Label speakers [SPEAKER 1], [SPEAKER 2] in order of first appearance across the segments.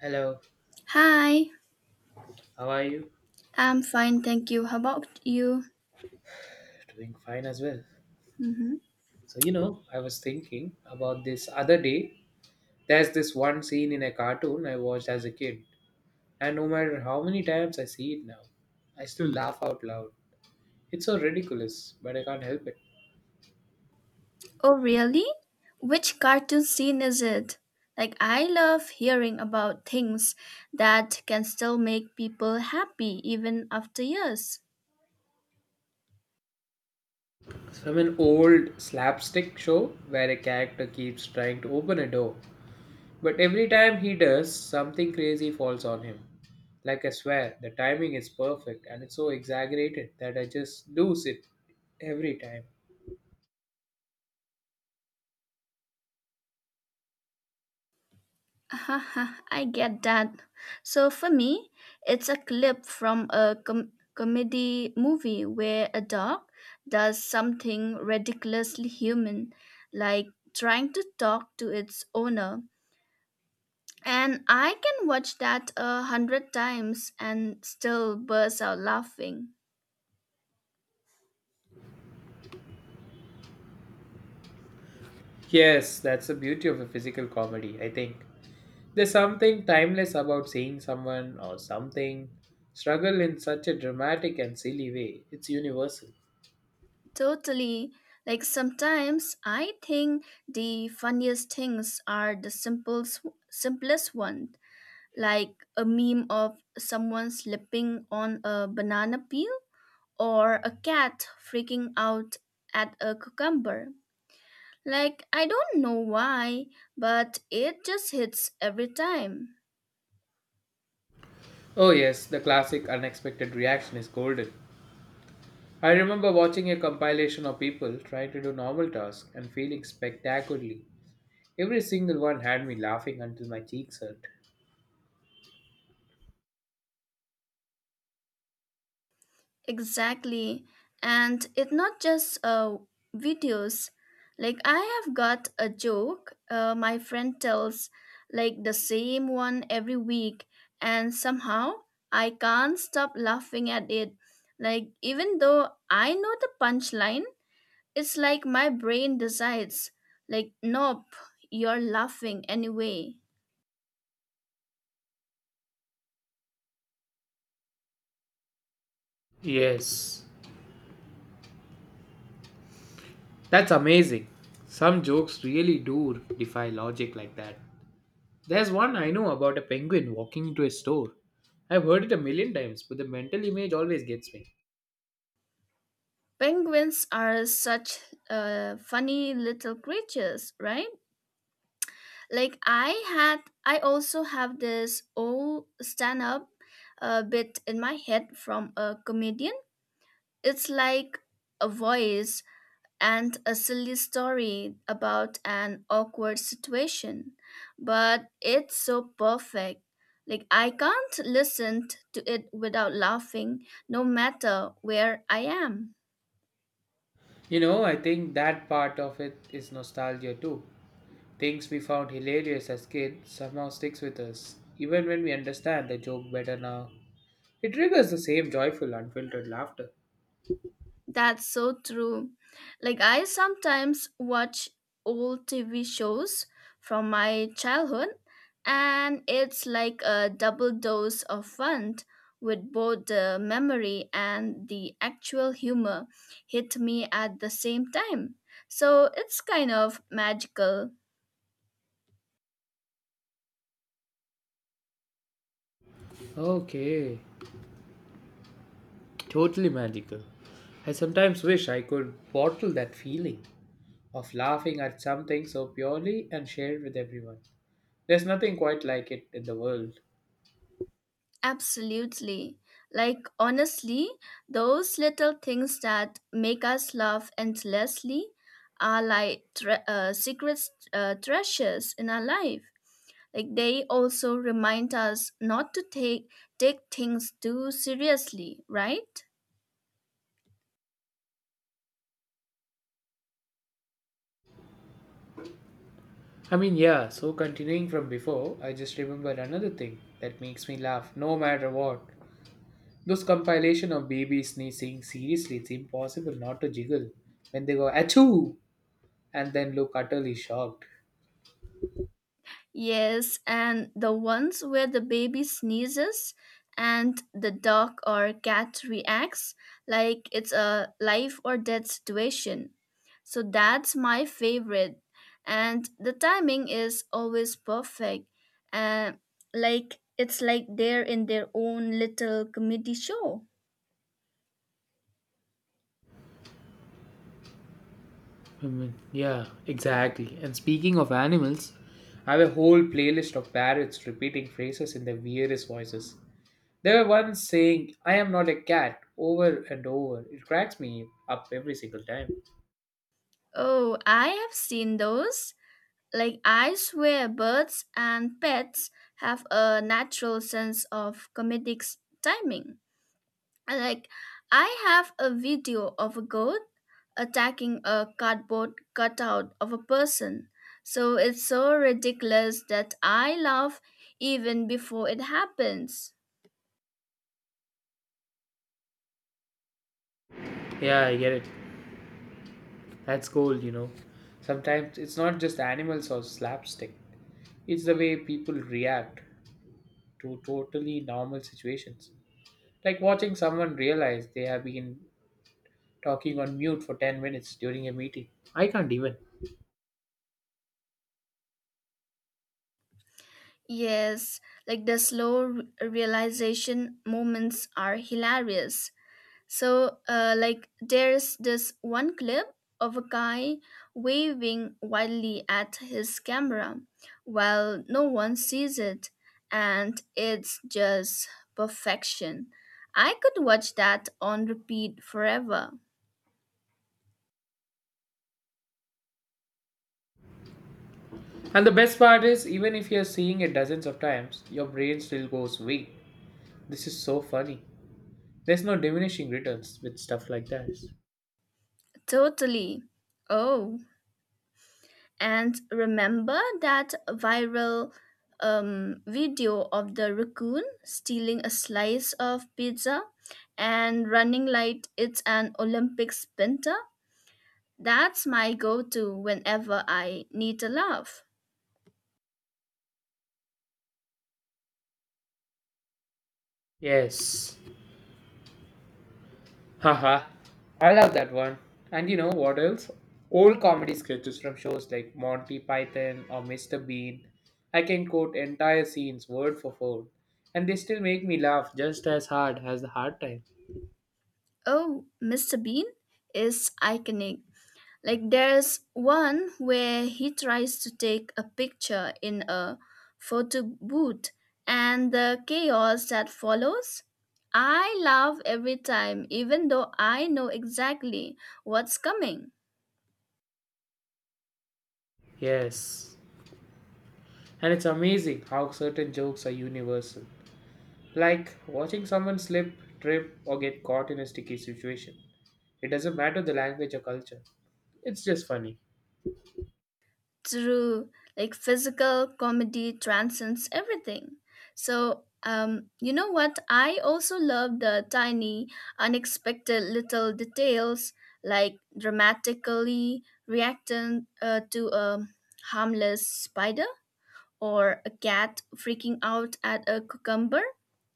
[SPEAKER 1] Hello,
[SPEAKER 2] Hi,
[SPEAKER 1] how are you?
[SPEAKER 2] I'm fine, thank you. How about you?
[SPEAKER 1] Doing fine as well.
[SPEAKER 2] hmm
[SPEAKER 1] So, you know, I was thinking about this other day. There's this one scene in a cartoon I watched as a kid, and no matter how many times I see it now, I still laugh out loud. It's so ridiculous, but I can't help it.
[SPEAKER 2] Oh, really? Which cartoon scene is it? Like, I love hearing about things that can still make people happy even after years.
[SPEAKER 1] It's from an old slapstick show where a character keeps trying to open a door. But every time he does, something crazy falls on him. Like I swear, the timing is perfect and it's so exaggerated that I just lose it every time.
[SPEAKER 2] Haha, I get that. So, for me, it's a clip from a comedy movie where a dog does something ridiculously human, like trying to talk to its owner. And I can watch that a hundred times and still burst out laughing.
[SPEAKER 1] Yes, that's the beauty of a physical comedy, I think. There's something timeless about seeing someone or something struggle in such a dramatic and silly way. It's universal.
[SPEAKER 2] Totally. Like sometimes I think the funniest things are the simplest one, like a meme of someone slipping on a banana peel or a cat freaking out at a cucumber. Like I don't know why, but it just hits every time.
[SPEAKER 1] Oh, yes, the classic unexpected reaction is golden. I remember watching a compilation of people trying to do normal tasks and failing spectacularly. Every single one had me laughing until my cheeks hurt.
[SPEAKER 2] Exactly. And it's not just videos. Like, I have got a joke my friend tells, like, the same one every week, and somehow I can't stop laughing at it. Like, even though I know the punchline, it's like my brain decides, like, nope, you're laughing anyway.
[SPEAKER 1] Yes. That's amazing. Some jokes really do defy logic like that. There's one I know about a penguin walking into a store. I've heard it a 1,000,000 times, but the mental image always gets me.
[SPEAKER 2] Penguins are such funny little creatures, right? Like I also have this old stand up bit in my head from a comedian. It's like a voice and a silly story about an awkward situation, but it's so perfect. Like I can't listen to it without laughing no matter where I am.
[SPEAKER 1] You know, I think that part of it is nostalgia too. Things we found hilarious as kids somehow sticks with us, even when we understand the joke better now. It triggers the same joyful, unfiltered laughter.
[SPEAKER 2] That's so true. Like, I sometimes watch old TV shows from my childhood, and it's like a double dose of fun with both the memory and the actual humor hit me at the same time. So it's kind of magical.
[SPEAKER 1] Okay. Totally magical. I sometimes wish I could bottle that feeling of laughing at something so purely and shared with everyone. There's nothing quite like it in the world.
[SPEAKER 2] Absolutely. Like, honestly, those little things that make us laugh endlessly are like secret treasures in our life. Like, they also remind us not to take things too seriously, right?
[SPEAKER 1] I mean, yeah, so continuing from before, I just remembered another thing that makes me laugh no matter what. Those compilation of babies sneezing, seriously, it's impossible not to jiggle when they go achoo and then look utterly shocked.
[SPEAKER 2] Yes, and the ones where the baby sneezes and the dog or cat reacts like it's a life or death situation. So that's my favorite. And the timing is always perfect. Uh, like it's like they're in their own little comedy show.
[SPEAKER 1] Women. Yeah, exactly. And speaking of animals, I have a whole playlist of parrots repeating phrases in the weirdest voices. They were once saying, I am not a cat, over and over. It cracks me up every single time.
[SPEAKER 2] Oh, I have seen those. Like I swear birds and pets have a natural sense of comedic timing. I Like, I have a video of a goat attacking a cardboard cutout of a person. So it's so ridiculous that I laugh even before it happens.
[SPEAKER 1] Yeah, I get it. That's gold, you know. Sometimes it's not just animals or slapstick, it's the way people react to totally normal situations. Like watching someone realize they have been talking on mute for 10 minutes during a meeting. I can't even.
[SPEAKER 2] Yes, like the slow realization moments are hilarious. So, like, there's this one clip of a guy waving wildly at his camera while no one sees it, and it's just perfection. I could watch that on repeat forever.
[SPEAKER 1] And the best part is, even if you're seeing it dozens of times, your brain still goes, wait, this is so funny. There's no diminishing returns with stuff like that.
[SPEAKER 2] Totally. Oh. And remember that viral video of the raccoon stealing a slice of pizza and running like it's an Olympic sprinter? That's my go to whenever I need a laugh.
[SPEAKER 1] Yes. Haha. I love that one. And you know what else? Old comedy sketches from shows like Monty Python or Mr. Bean. I can quote entire scenes word for word, and they still make me laugh just as hard as the hard time.
[SPEAKER 2] Oh, Mr. Bean is iconic. Like there's one where he tries to take a picture in a photo booth and the chaos that follows. I laugh every time, even though I know exactly what's coming.
[SPEAKER 1] Yes. And it's amazing how certain jokes are universal. Like watching someone slip, trip, or get caught in a sticky situation. It doesn't matter the language or culture, it's just funny.
[SPEAKER 2] True, like physical comedy transcends everything. So, you know what? I also love the tiny, unexpected little details, like dramatically reacting to a harmless spider or a cat freaking out at a cucumber.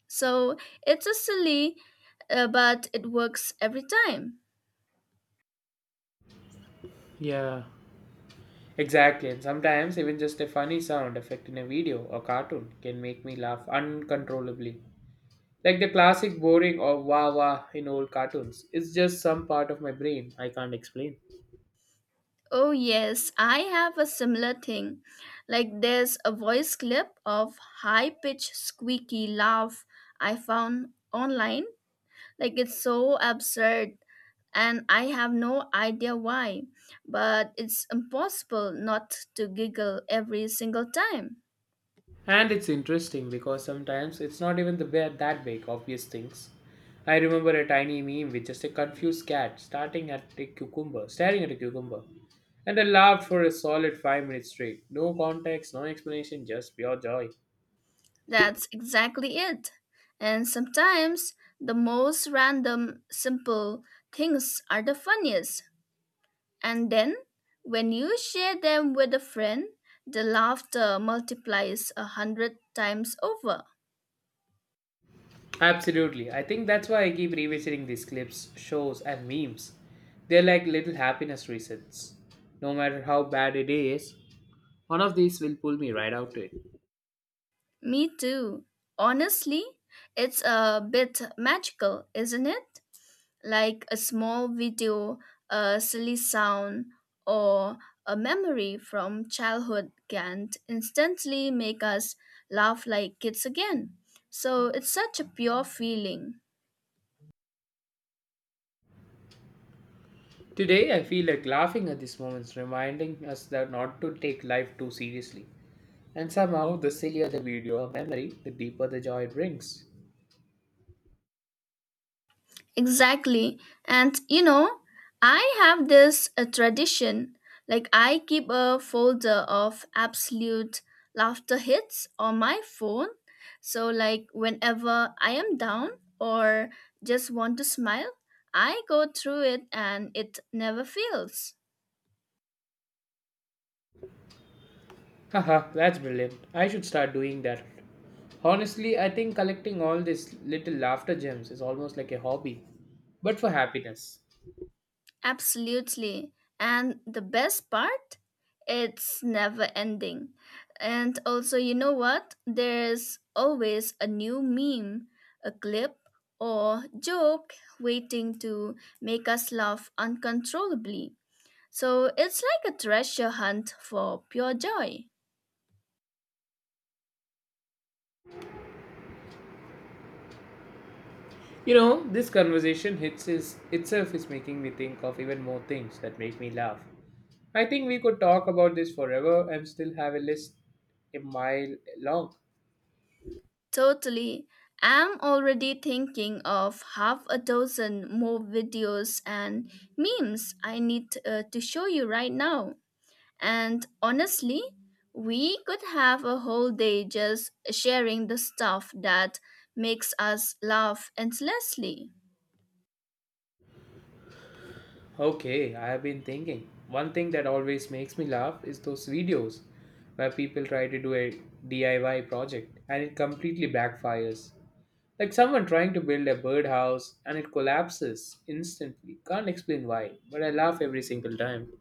[SPEAKER 2] So, it's a silly, but it works every time.
[SPEAKER 1] Yeah, exactly, and sometimes even just a funny sound effect in a video or cartoon can make me laugh uncontrollably. Like the classic boring or wah wah in old cartoons. It's just some part of my brain I can't explain.
[SPEAKER 2] Oh, yes, I have a similar thing. Like, there's a voice clip of high pitched squeaky laugh I found online. Like, it's so absurd, and I have no idea why, but it's impossible not to giggle every single time.
[SPEAKER 1] And it's interesting because sometimes it's not even the bad, that big, obvious things. I remember a tiny meme with just a confused cat starting at a cucumber, staring at a cucumber. And I laughed for a solid 5 minutes straight. No context, no explanation, just pure joy.
[SPEAKER 2] That's exactly it. And sometimes the most random, simple things are the funniest. And then, when you share them with a friend, the laughter multiplies a hundred times over.
[SPEAKER 1] Absolutely. I think that's why I keep revisiting these clips, shows, and memes. They're like little happiness resets. No matter how bad it is, one of these will pull me right out to it.
[SPEAKER 2] Me too. Honestly, it's a bit magical, isn't it? Like a small video, a silly sound, or a memory from childhood can instantly make us laugh like kids again. So it's such a pure feeling.
[SPEAKER 1] Today, I feel like laughing at these moments, reminding us that not to take life too seriously. And somehow, the sillier the video or memory, the deeper the joy it brings.
[SPEAKER 2] Exactly. And you know, I have this a tradition. Like I keep a folder of absolute laughter hits on my phone. So like whenever I am down or just want to smile, I go through it and it never fails.
[SPEAKER 1] Haha, that's brilliant. I should start doing that. Honestly, I think collecting all these little laughter gems is almost like a hobby, but for happiness.
[SPEAKER 2] Absolutely. And the best part? It's never ending. And also, you know what? There's always a new meme, a clip, or joke waiting to make us laugh uncontrollably. So it's like a treasure hunt for pure joy.
[SPEAKER 1] You know, this conversation hits is, itself is making me think of even more things that make me laugh. I think we could talk about this forever and still have a list a mile long.
[SPEAKER 2] Totally. I'm already thinking of half a dozen more videos and memes I need to show you right now. And honestly, we could have a whole day just sharing the stuff that makes us laugh endlessly.
[SPEAKER 1] Okay, I have been thinking. One thing that always makes me laugh is those videos where people try to do a DIY project and it completely backfires. Like someone trying to build a birdhouse and it collapses instantly. Can't explain why, but I laugh every single time.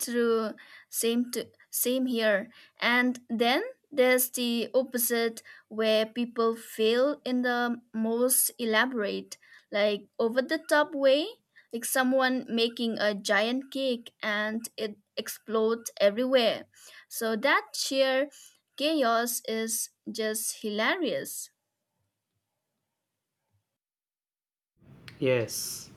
[SPEAKER 2] True, same to same here. And then there's the opposite where people fail in the most elaborate, like over the top way, like someone making a giant cake and it explodes everywhere. So that sheer chaos is just hilarious.
[SPEAKER 1] Yes,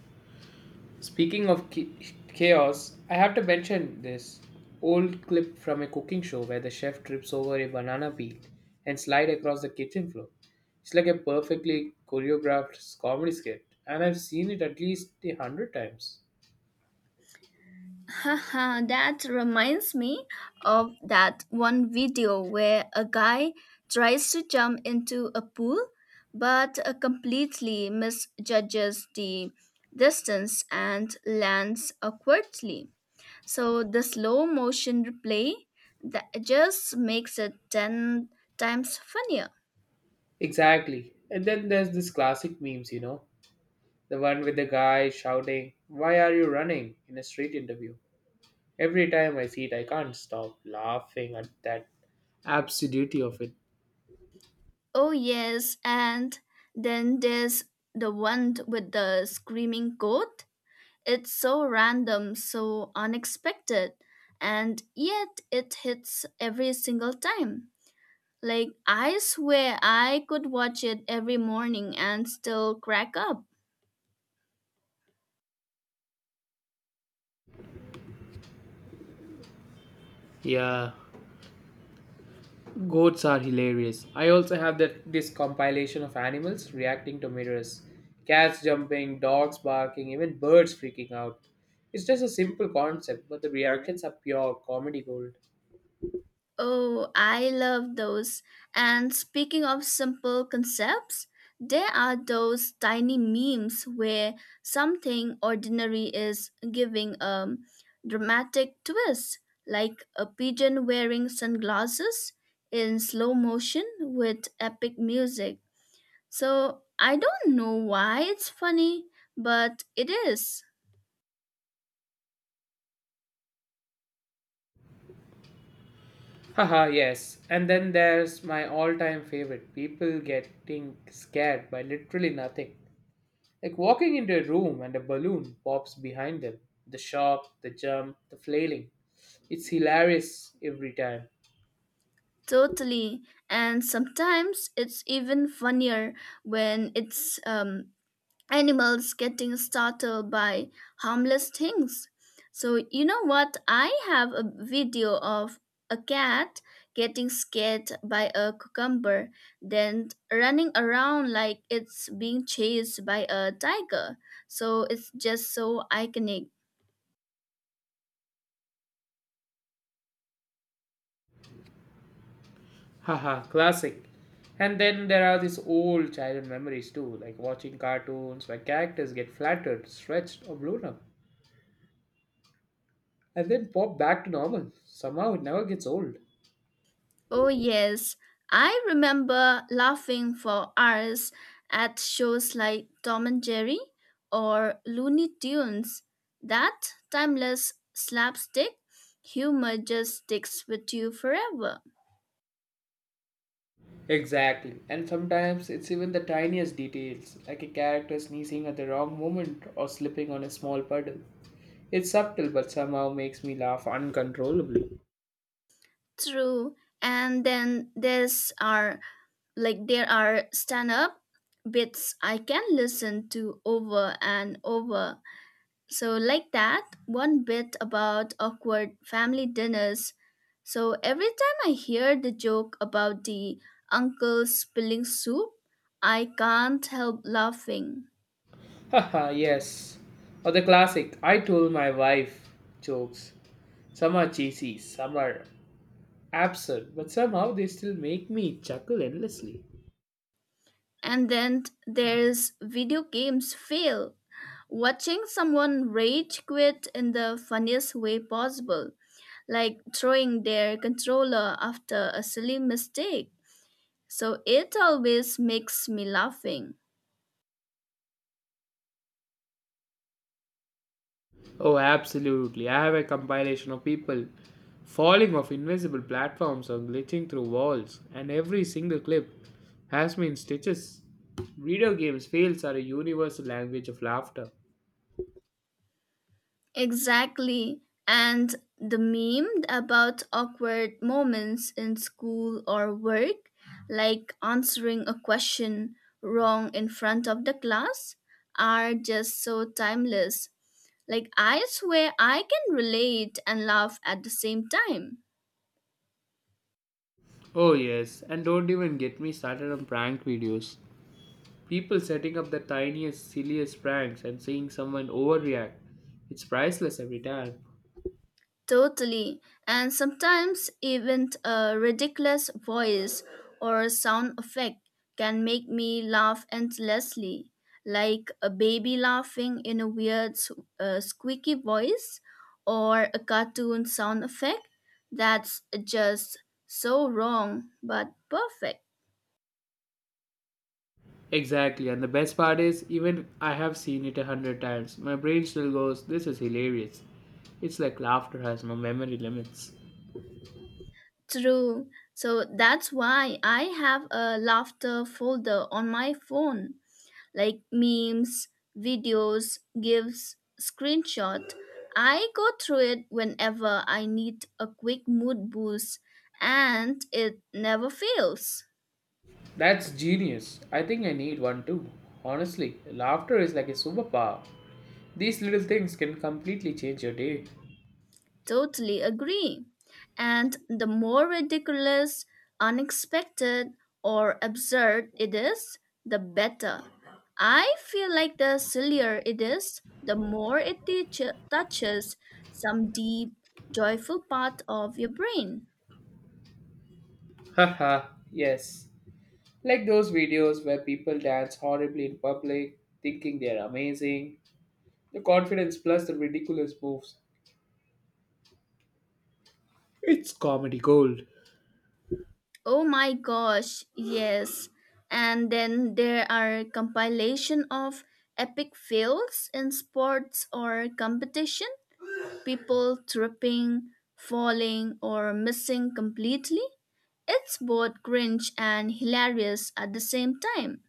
[SPEAKER 1] speaking of chaos, I have to mention this old clip from a cooking show where the chef trips over a banana peel and slide across the kitchen floor. It's like a perfectly choreographed comedy skit, and I've seen it at least a 100 times.
[SPEAKER 2] Haha, that reminds me of that one video where a guy tries to jump into a pool but completely misjudges the distance and lands awkwardly. So the slow motion replay that just makes it 10 times funnier.
[SPEAKER 1] Exactly. And then there's this classic memes, you know, the one with the guy shouting, "Why are you running?" in a street interview. Every time I see it, I can't stop laughing at that absurdity of it.
[SPEAKER 2] Oh, yes, and then there's the one with the screaming goat. It's so random, so unexpected, and yet it hits every single time. Like, I swear I could watch it every morning and still crack up.
[SPEAKER 1] Yeah, goats are hilarious. I also have that this compilation of animals reacting to mirrors. Cats jumping, dogs barking, even birds freaking out. It's just a simple concept, but the reactions are pure comedy gold.
[SPEAKER 2] Oh, I love those. And speaking of simple concepts, there are those tiny memes where something ordinary is giving a dramatic twist, like a pigeon wearing sunglasses in slow motion with epic music. So I don't know why it's funny, but it is.
[SPEAKER 1] Haha, yes. And then there's my all time favorite people getting scared by literally nothing. Like walking into a room and a balloon pops behind them. The shock, the jump, the flailing. It's hilarious every time.
[SPEAKER 2] Totally. And sometimes it's even funnier when it's animals getting startled by harmless things. So, you know what? I have a video of a cat getting scared by a cucumber, then running around like it's being chased by a tiger. So, it's just so iconic.
[SPEAKER 1] Haha, classic. And then there are these old childhood memories too, like watching cartoons where characters get flattered, stretched, or blown up, and then pop back to normal. Somehow it never gets old.
[SPEAKER 2] Oh, yes. I remember laughing for hours at shows like Tom and Jerry or Looney Tunes. That timeless slapstick humor just sticks with you forever.
[SPEAKER 1] Exactly. And sometimes it's even the tiniest details, like a character sneezing at the wrong moment or slipping on a small puddle. It's subtle but somehow makes me laugh uncontrollably.
[SPEAKER 2] True. And then there's our like there are stand-up bits I can listen to over and over. So, like that, one bit about awkward family dinners. So, every time I hear the joke about the uncle spilling soup, I can't help laughing.
[SPEAKER 1] Haha, yes. Or the classic, I told my wife jokes. Some are cheesy, some are absurd, but somehow they still make me chuckle endlessly.
[SPEAKER 2] And then there's video games fail. Watching someone rage quit in the funniest way possible, like throwing their controller after a silly mistake. So, it always makes me laughing.
[SPEAKER 1] Oh, absolutely. I have a compilation of people falling off invisible platforms or glitching through walls, and every single clip has me in stitches. Video games fails are a universal language of laughter.
[SPEAKER 2] Exactly. And the meme about awkward moments in school or work, like answering a question wrong in front of the class, are just so timeless. Like, I swear I can relate and laugh at the same time.
[SPEAKER 1] Oh, yes, and don't even get me started on prank videos. People setting up the tiniest, silliest pranks and seeing someone overreact. It's priceless every time.
[SPEAKER 2] Totally. And sometimes even a ridiculous voice or sound effect can make me laugh endlessly, like a baby laughing in a weird squeaky voice or a cartoon sound effect that's just so wrong but perfect.
[SPEAKER 1] Exactly, and the best part is, even I have seen it a 100 times, my brain still goes, this is hilarious. It's like laughter has no memory limits.
[SPEAKER 2] True. So that's why I have a laughter folder on my phone. Like memes, videos, GIFs, screenshot. I go through it whenever I need a quick mood boost and it never fails.
[SPEAKER 1] That's genius. I think I need one too. Honestly, laughter is like a superpower. These little things can completely change your day.
[SPEAKER 2] Totally agree. And the more ridiculous, unexpected, or absurd it is, the better. I feel like the sillier it is, the more it touches some deep, joyful part of your brain.
[SPEAKER 1] Haha, yes. Like those videos where people dance horribly in public, thinking they are amazing. The confidence plus the ridiculous moves. It's comedy gold.
[SPEAKER 2] Oh my gosh, yes. And then there are compilation of epic fails in sports or competition, people tripping, falling or missing completely. It's both cringe and hilarious at the same time.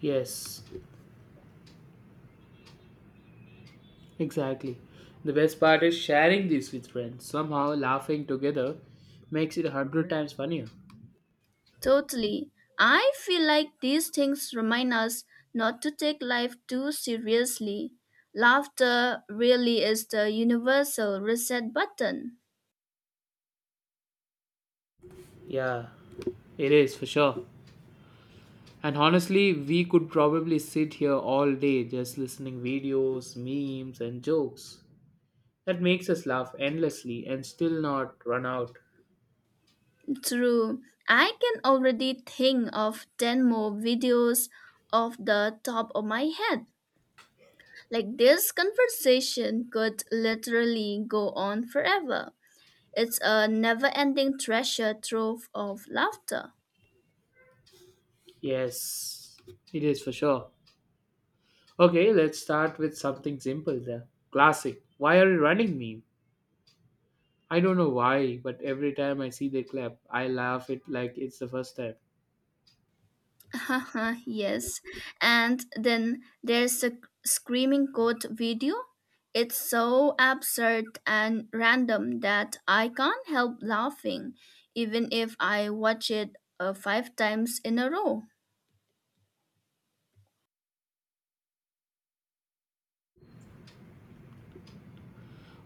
[SPEAKER 1] Yes, exactly. The best part is sharing these with friends. Somehow laughing together makes it a 100 times funnier.
[SPEAKER 2] Totally. I feel like these things remind us not to take life too seriously. Laughter really is the universal reset button.
[SPEAKER 1] Yeah, it is for sure. And honestly, we could probably sit here all day just listening videos, memes, and jokes. That makes us laugh endlessly and still not run out.
[SPEAKER 2] True. I can already think of 10 more videos off the top of my head. Like this conversation could literally go on forever. It's a never ending treasure trove of laughter.
[SPEAKER 1] Yes, it is for sure. Okay, let's start with something simple there. Classic. Why are you running meme? I don't know why, but every time I see they clap, I laugh it like it's the first time.
[SPEAKER 2] Haha, yes. And then there's a screaming goat video. It's so absurd and random that I can't help laughing, even if I watch it five times in a row.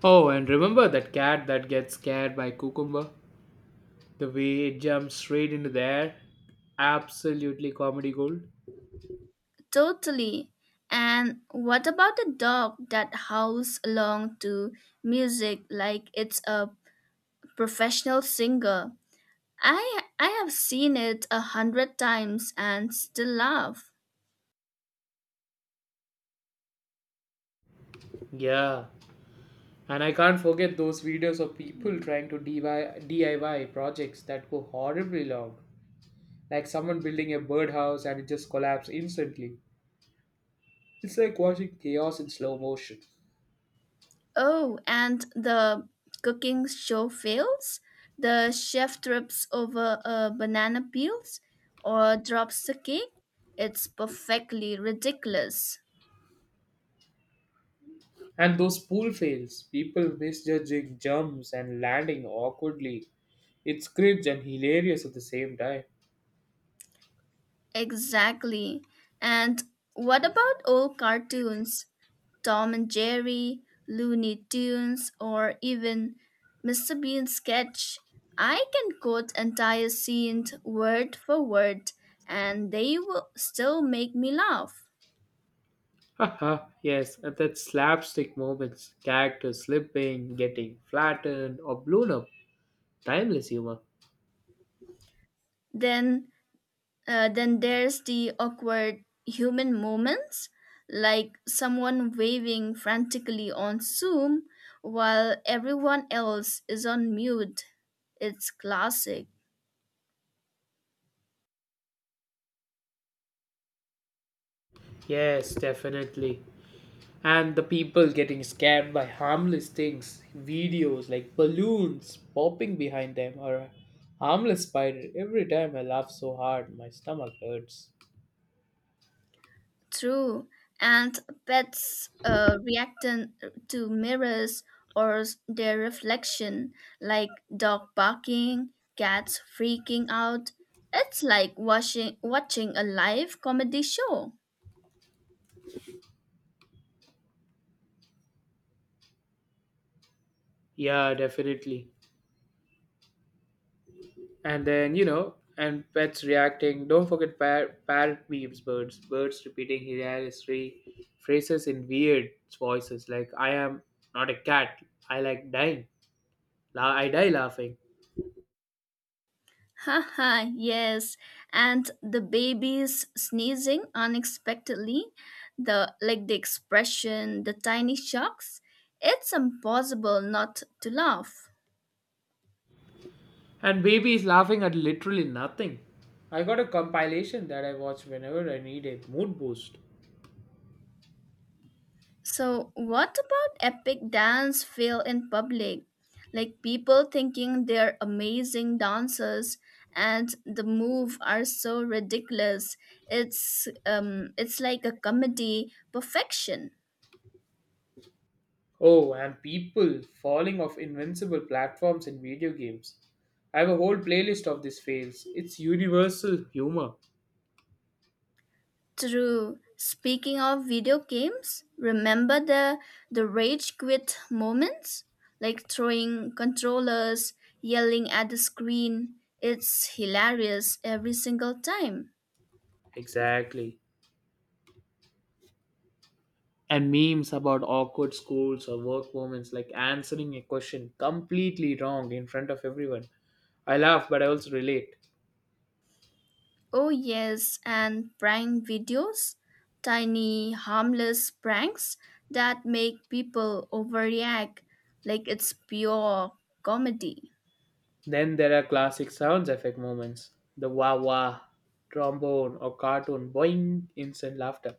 [SPEAKER 1] Oh, and remember that cat that gets scared by cucumber? The way it jumps straight into the air? Absolutely comedy gold.
[SPEAKER 2] Totally. And what about the dog that howls along to music like it's a professional singer? I have seen it a hundred times and still laugh.
[SPEAKER 1] Yeah. And I can't forget those videos of people trying to DIY projects that go horribly wrong. Like someone building a birdhouse and it just collapses instantly. It's like watching chaos in slow motion.
[SPEAKER 2] Oh, and the cooking show fails? The chef trips over a banana peels or drops the cake? It's perfectly ridiculous.
[SPEAKER 1] And those pool fails, people misjudging jumps and landing awkwardly. It's cringe and hilarious at the same time.
[SPEAKER 2] Exactly. And what about old cartoons? Tom and Jerry, Looney Tunes, or even Mr. Bean's sketch? I can quote entire scenes word for word, and they will still make me laugh.
[SPEAKER 1] Haha, yes, and that slapstick moments, characters slipping, getting flattened, or blown up. Timeless humor.
[SPEAKER 2] Then then there's the awkward human moments, like someone waving frantically on Zoom while everyone else is on mute. It's classic.
[SPEAKER 1] Yes, definitely. And the people getting scared by harmless things, videos like balloons popping behind them, or a harmless spider. Every time I laugh so hard, my stomach hurts.
[SPEAKER 2] True. And pets reacting to mirrors or their reflection, like dog barking, cats freaking out. It's like watching a live comedy show.
[SPEAKER 1] Yeah, definitely. And then, you know, and pets reacting, don't forget parrot memes, birds repeating hilarious phrases in weird voices like I am not a cat. I like dying. I die laughing.
[SPEAKER 2] Haha, yes. And the babies sneezing unexpectedly, the like the expression, the tiny shocks. It's impossible not to laugh.
[SPEAKER 1] And baby is laughing at literally nothing. I got a compilation that I watch whenever I need a mood boost.
[SPEAKER 2] So, what about epic dance fail in public? Like people thinking they're amazing dancers and the move are so ridiculous. It's like a comedy perfection.
[SPEAKER 1] Oh, and people falling off invincible platforms in video games. I have a whole playlist of these fails. It's universal humor.
[SPEAKER 2] True. Speaking of video games, remember the rage quit moments? Like throwing controllers, yelling at the screen. It's hilarious every single time.
[SPEAKER 1] Exactly, and memes about awkward schools or work moments, like answering a question completely wrong in front of everyone. I laugh, but I also relate.
[SPEAKER 2] Oh yes, and prank videos. Tiny harmless pranks that make people overreact like it's pure comedy.
[SPEAKER 1] Then there are classic sounds effect moments, the wah wah, trombone, or cartoon boing instant laughter.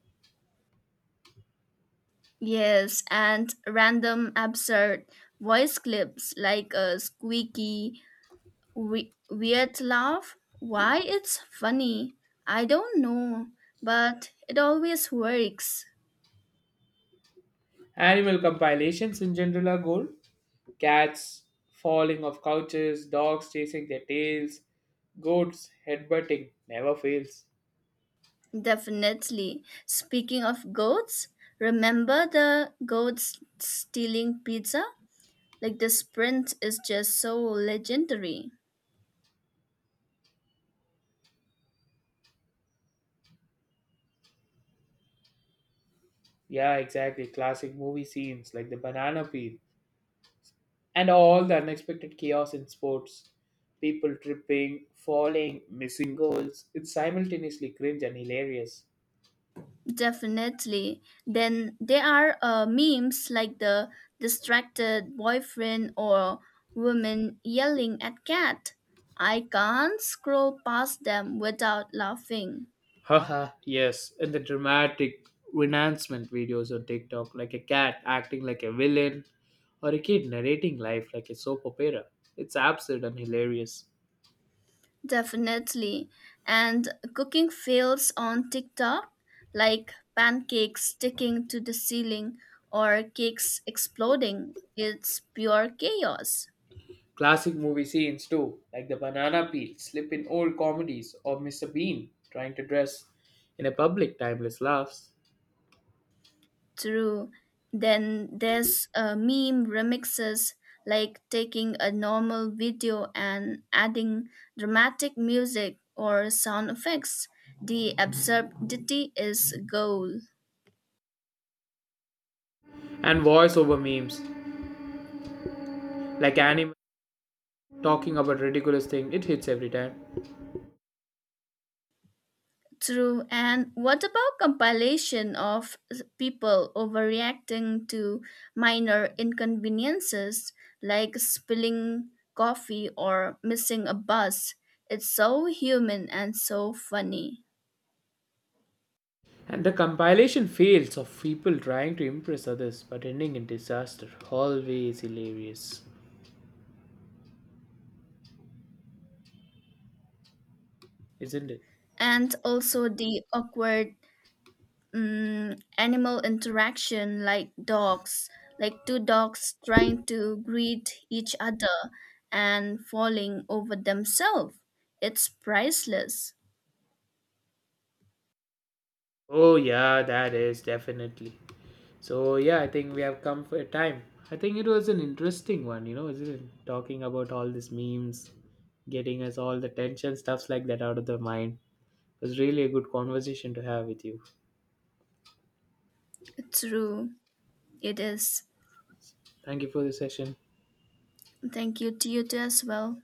[SPEAKER 2] Yes, and random absurd voice clips like a squeaky weird laugh. Why it's funny? I don't know, but it always works.
[SPEAKER 1] Animal compilations in general are gold. Cats falling off couches, dogs chasing their tails, goats headbutting never fails.
[SPEAKER 2] Definitely. Speaking of goats, remember the goats stealing pizza? Like the sprint is just so legendary.
[SPEAKER 1] Yeah, exactly. Classic movie scenes like the banana peel and all the unexpected chaos in sports. People tripping, falling, missing goals. It's simultaneously cringe and hilarious.
[SPEAKER 2] Definitely. Then there are memes like the distracted boyfriend or woman yelling at cat. I can't scroll past them without laughing.
[SPEAKER 1] Haha, yes, and the dramatic renouncement videos on TikTok, like a cat acting like a villain or a kid narrating life like a soap opera. It's absurd and hilarious.
[SPEAKER 2] Definitely. And cooking fails on TikTok, like pancakes sticking to the ceiling or cakes exploding. It's pure chaos.
[SPEAKER 1] Classic movie scenes too, like the banana peel slip in old comedies or Mr. Bean trying to dress in a public timeless laughs.
[SPEAKER 2] True. Then there's meme remixes like taking a normal video and adding dramatic music or sound effects. The absurdity is gold.
[SPEAKER 1] And voiceover memes, like anime talking about ridiculous thing, it hits every time.
[SPEAKER 2] True. And what about compilation of people overreacting to minor inconveniences like spilling coffee or missing a bus? It's so human and so funny.
[SPEAKER 1] And the compilation fails of people trying to impress others but ending in disaster, always hilarious, isn't it?
[SPEAKER 2] And also the awkward animal interaction like dogs like two dogs trying to greet each other and falling over themselves. It's priceless.
[SPEAKER 1] Oh yeah, that is definitely. So yeah, I think we have come for a time. I think it was an interesting one, you know, isn't it, talking about all these memes, getting us all the tension stuffs like that out of the mind. It was really a good conversation to have with you.
[SPEAKER 2] True, it is.
[SPEAKER 1] Thank you for the session.
[SPEAKER 2] Thank you to you too as well.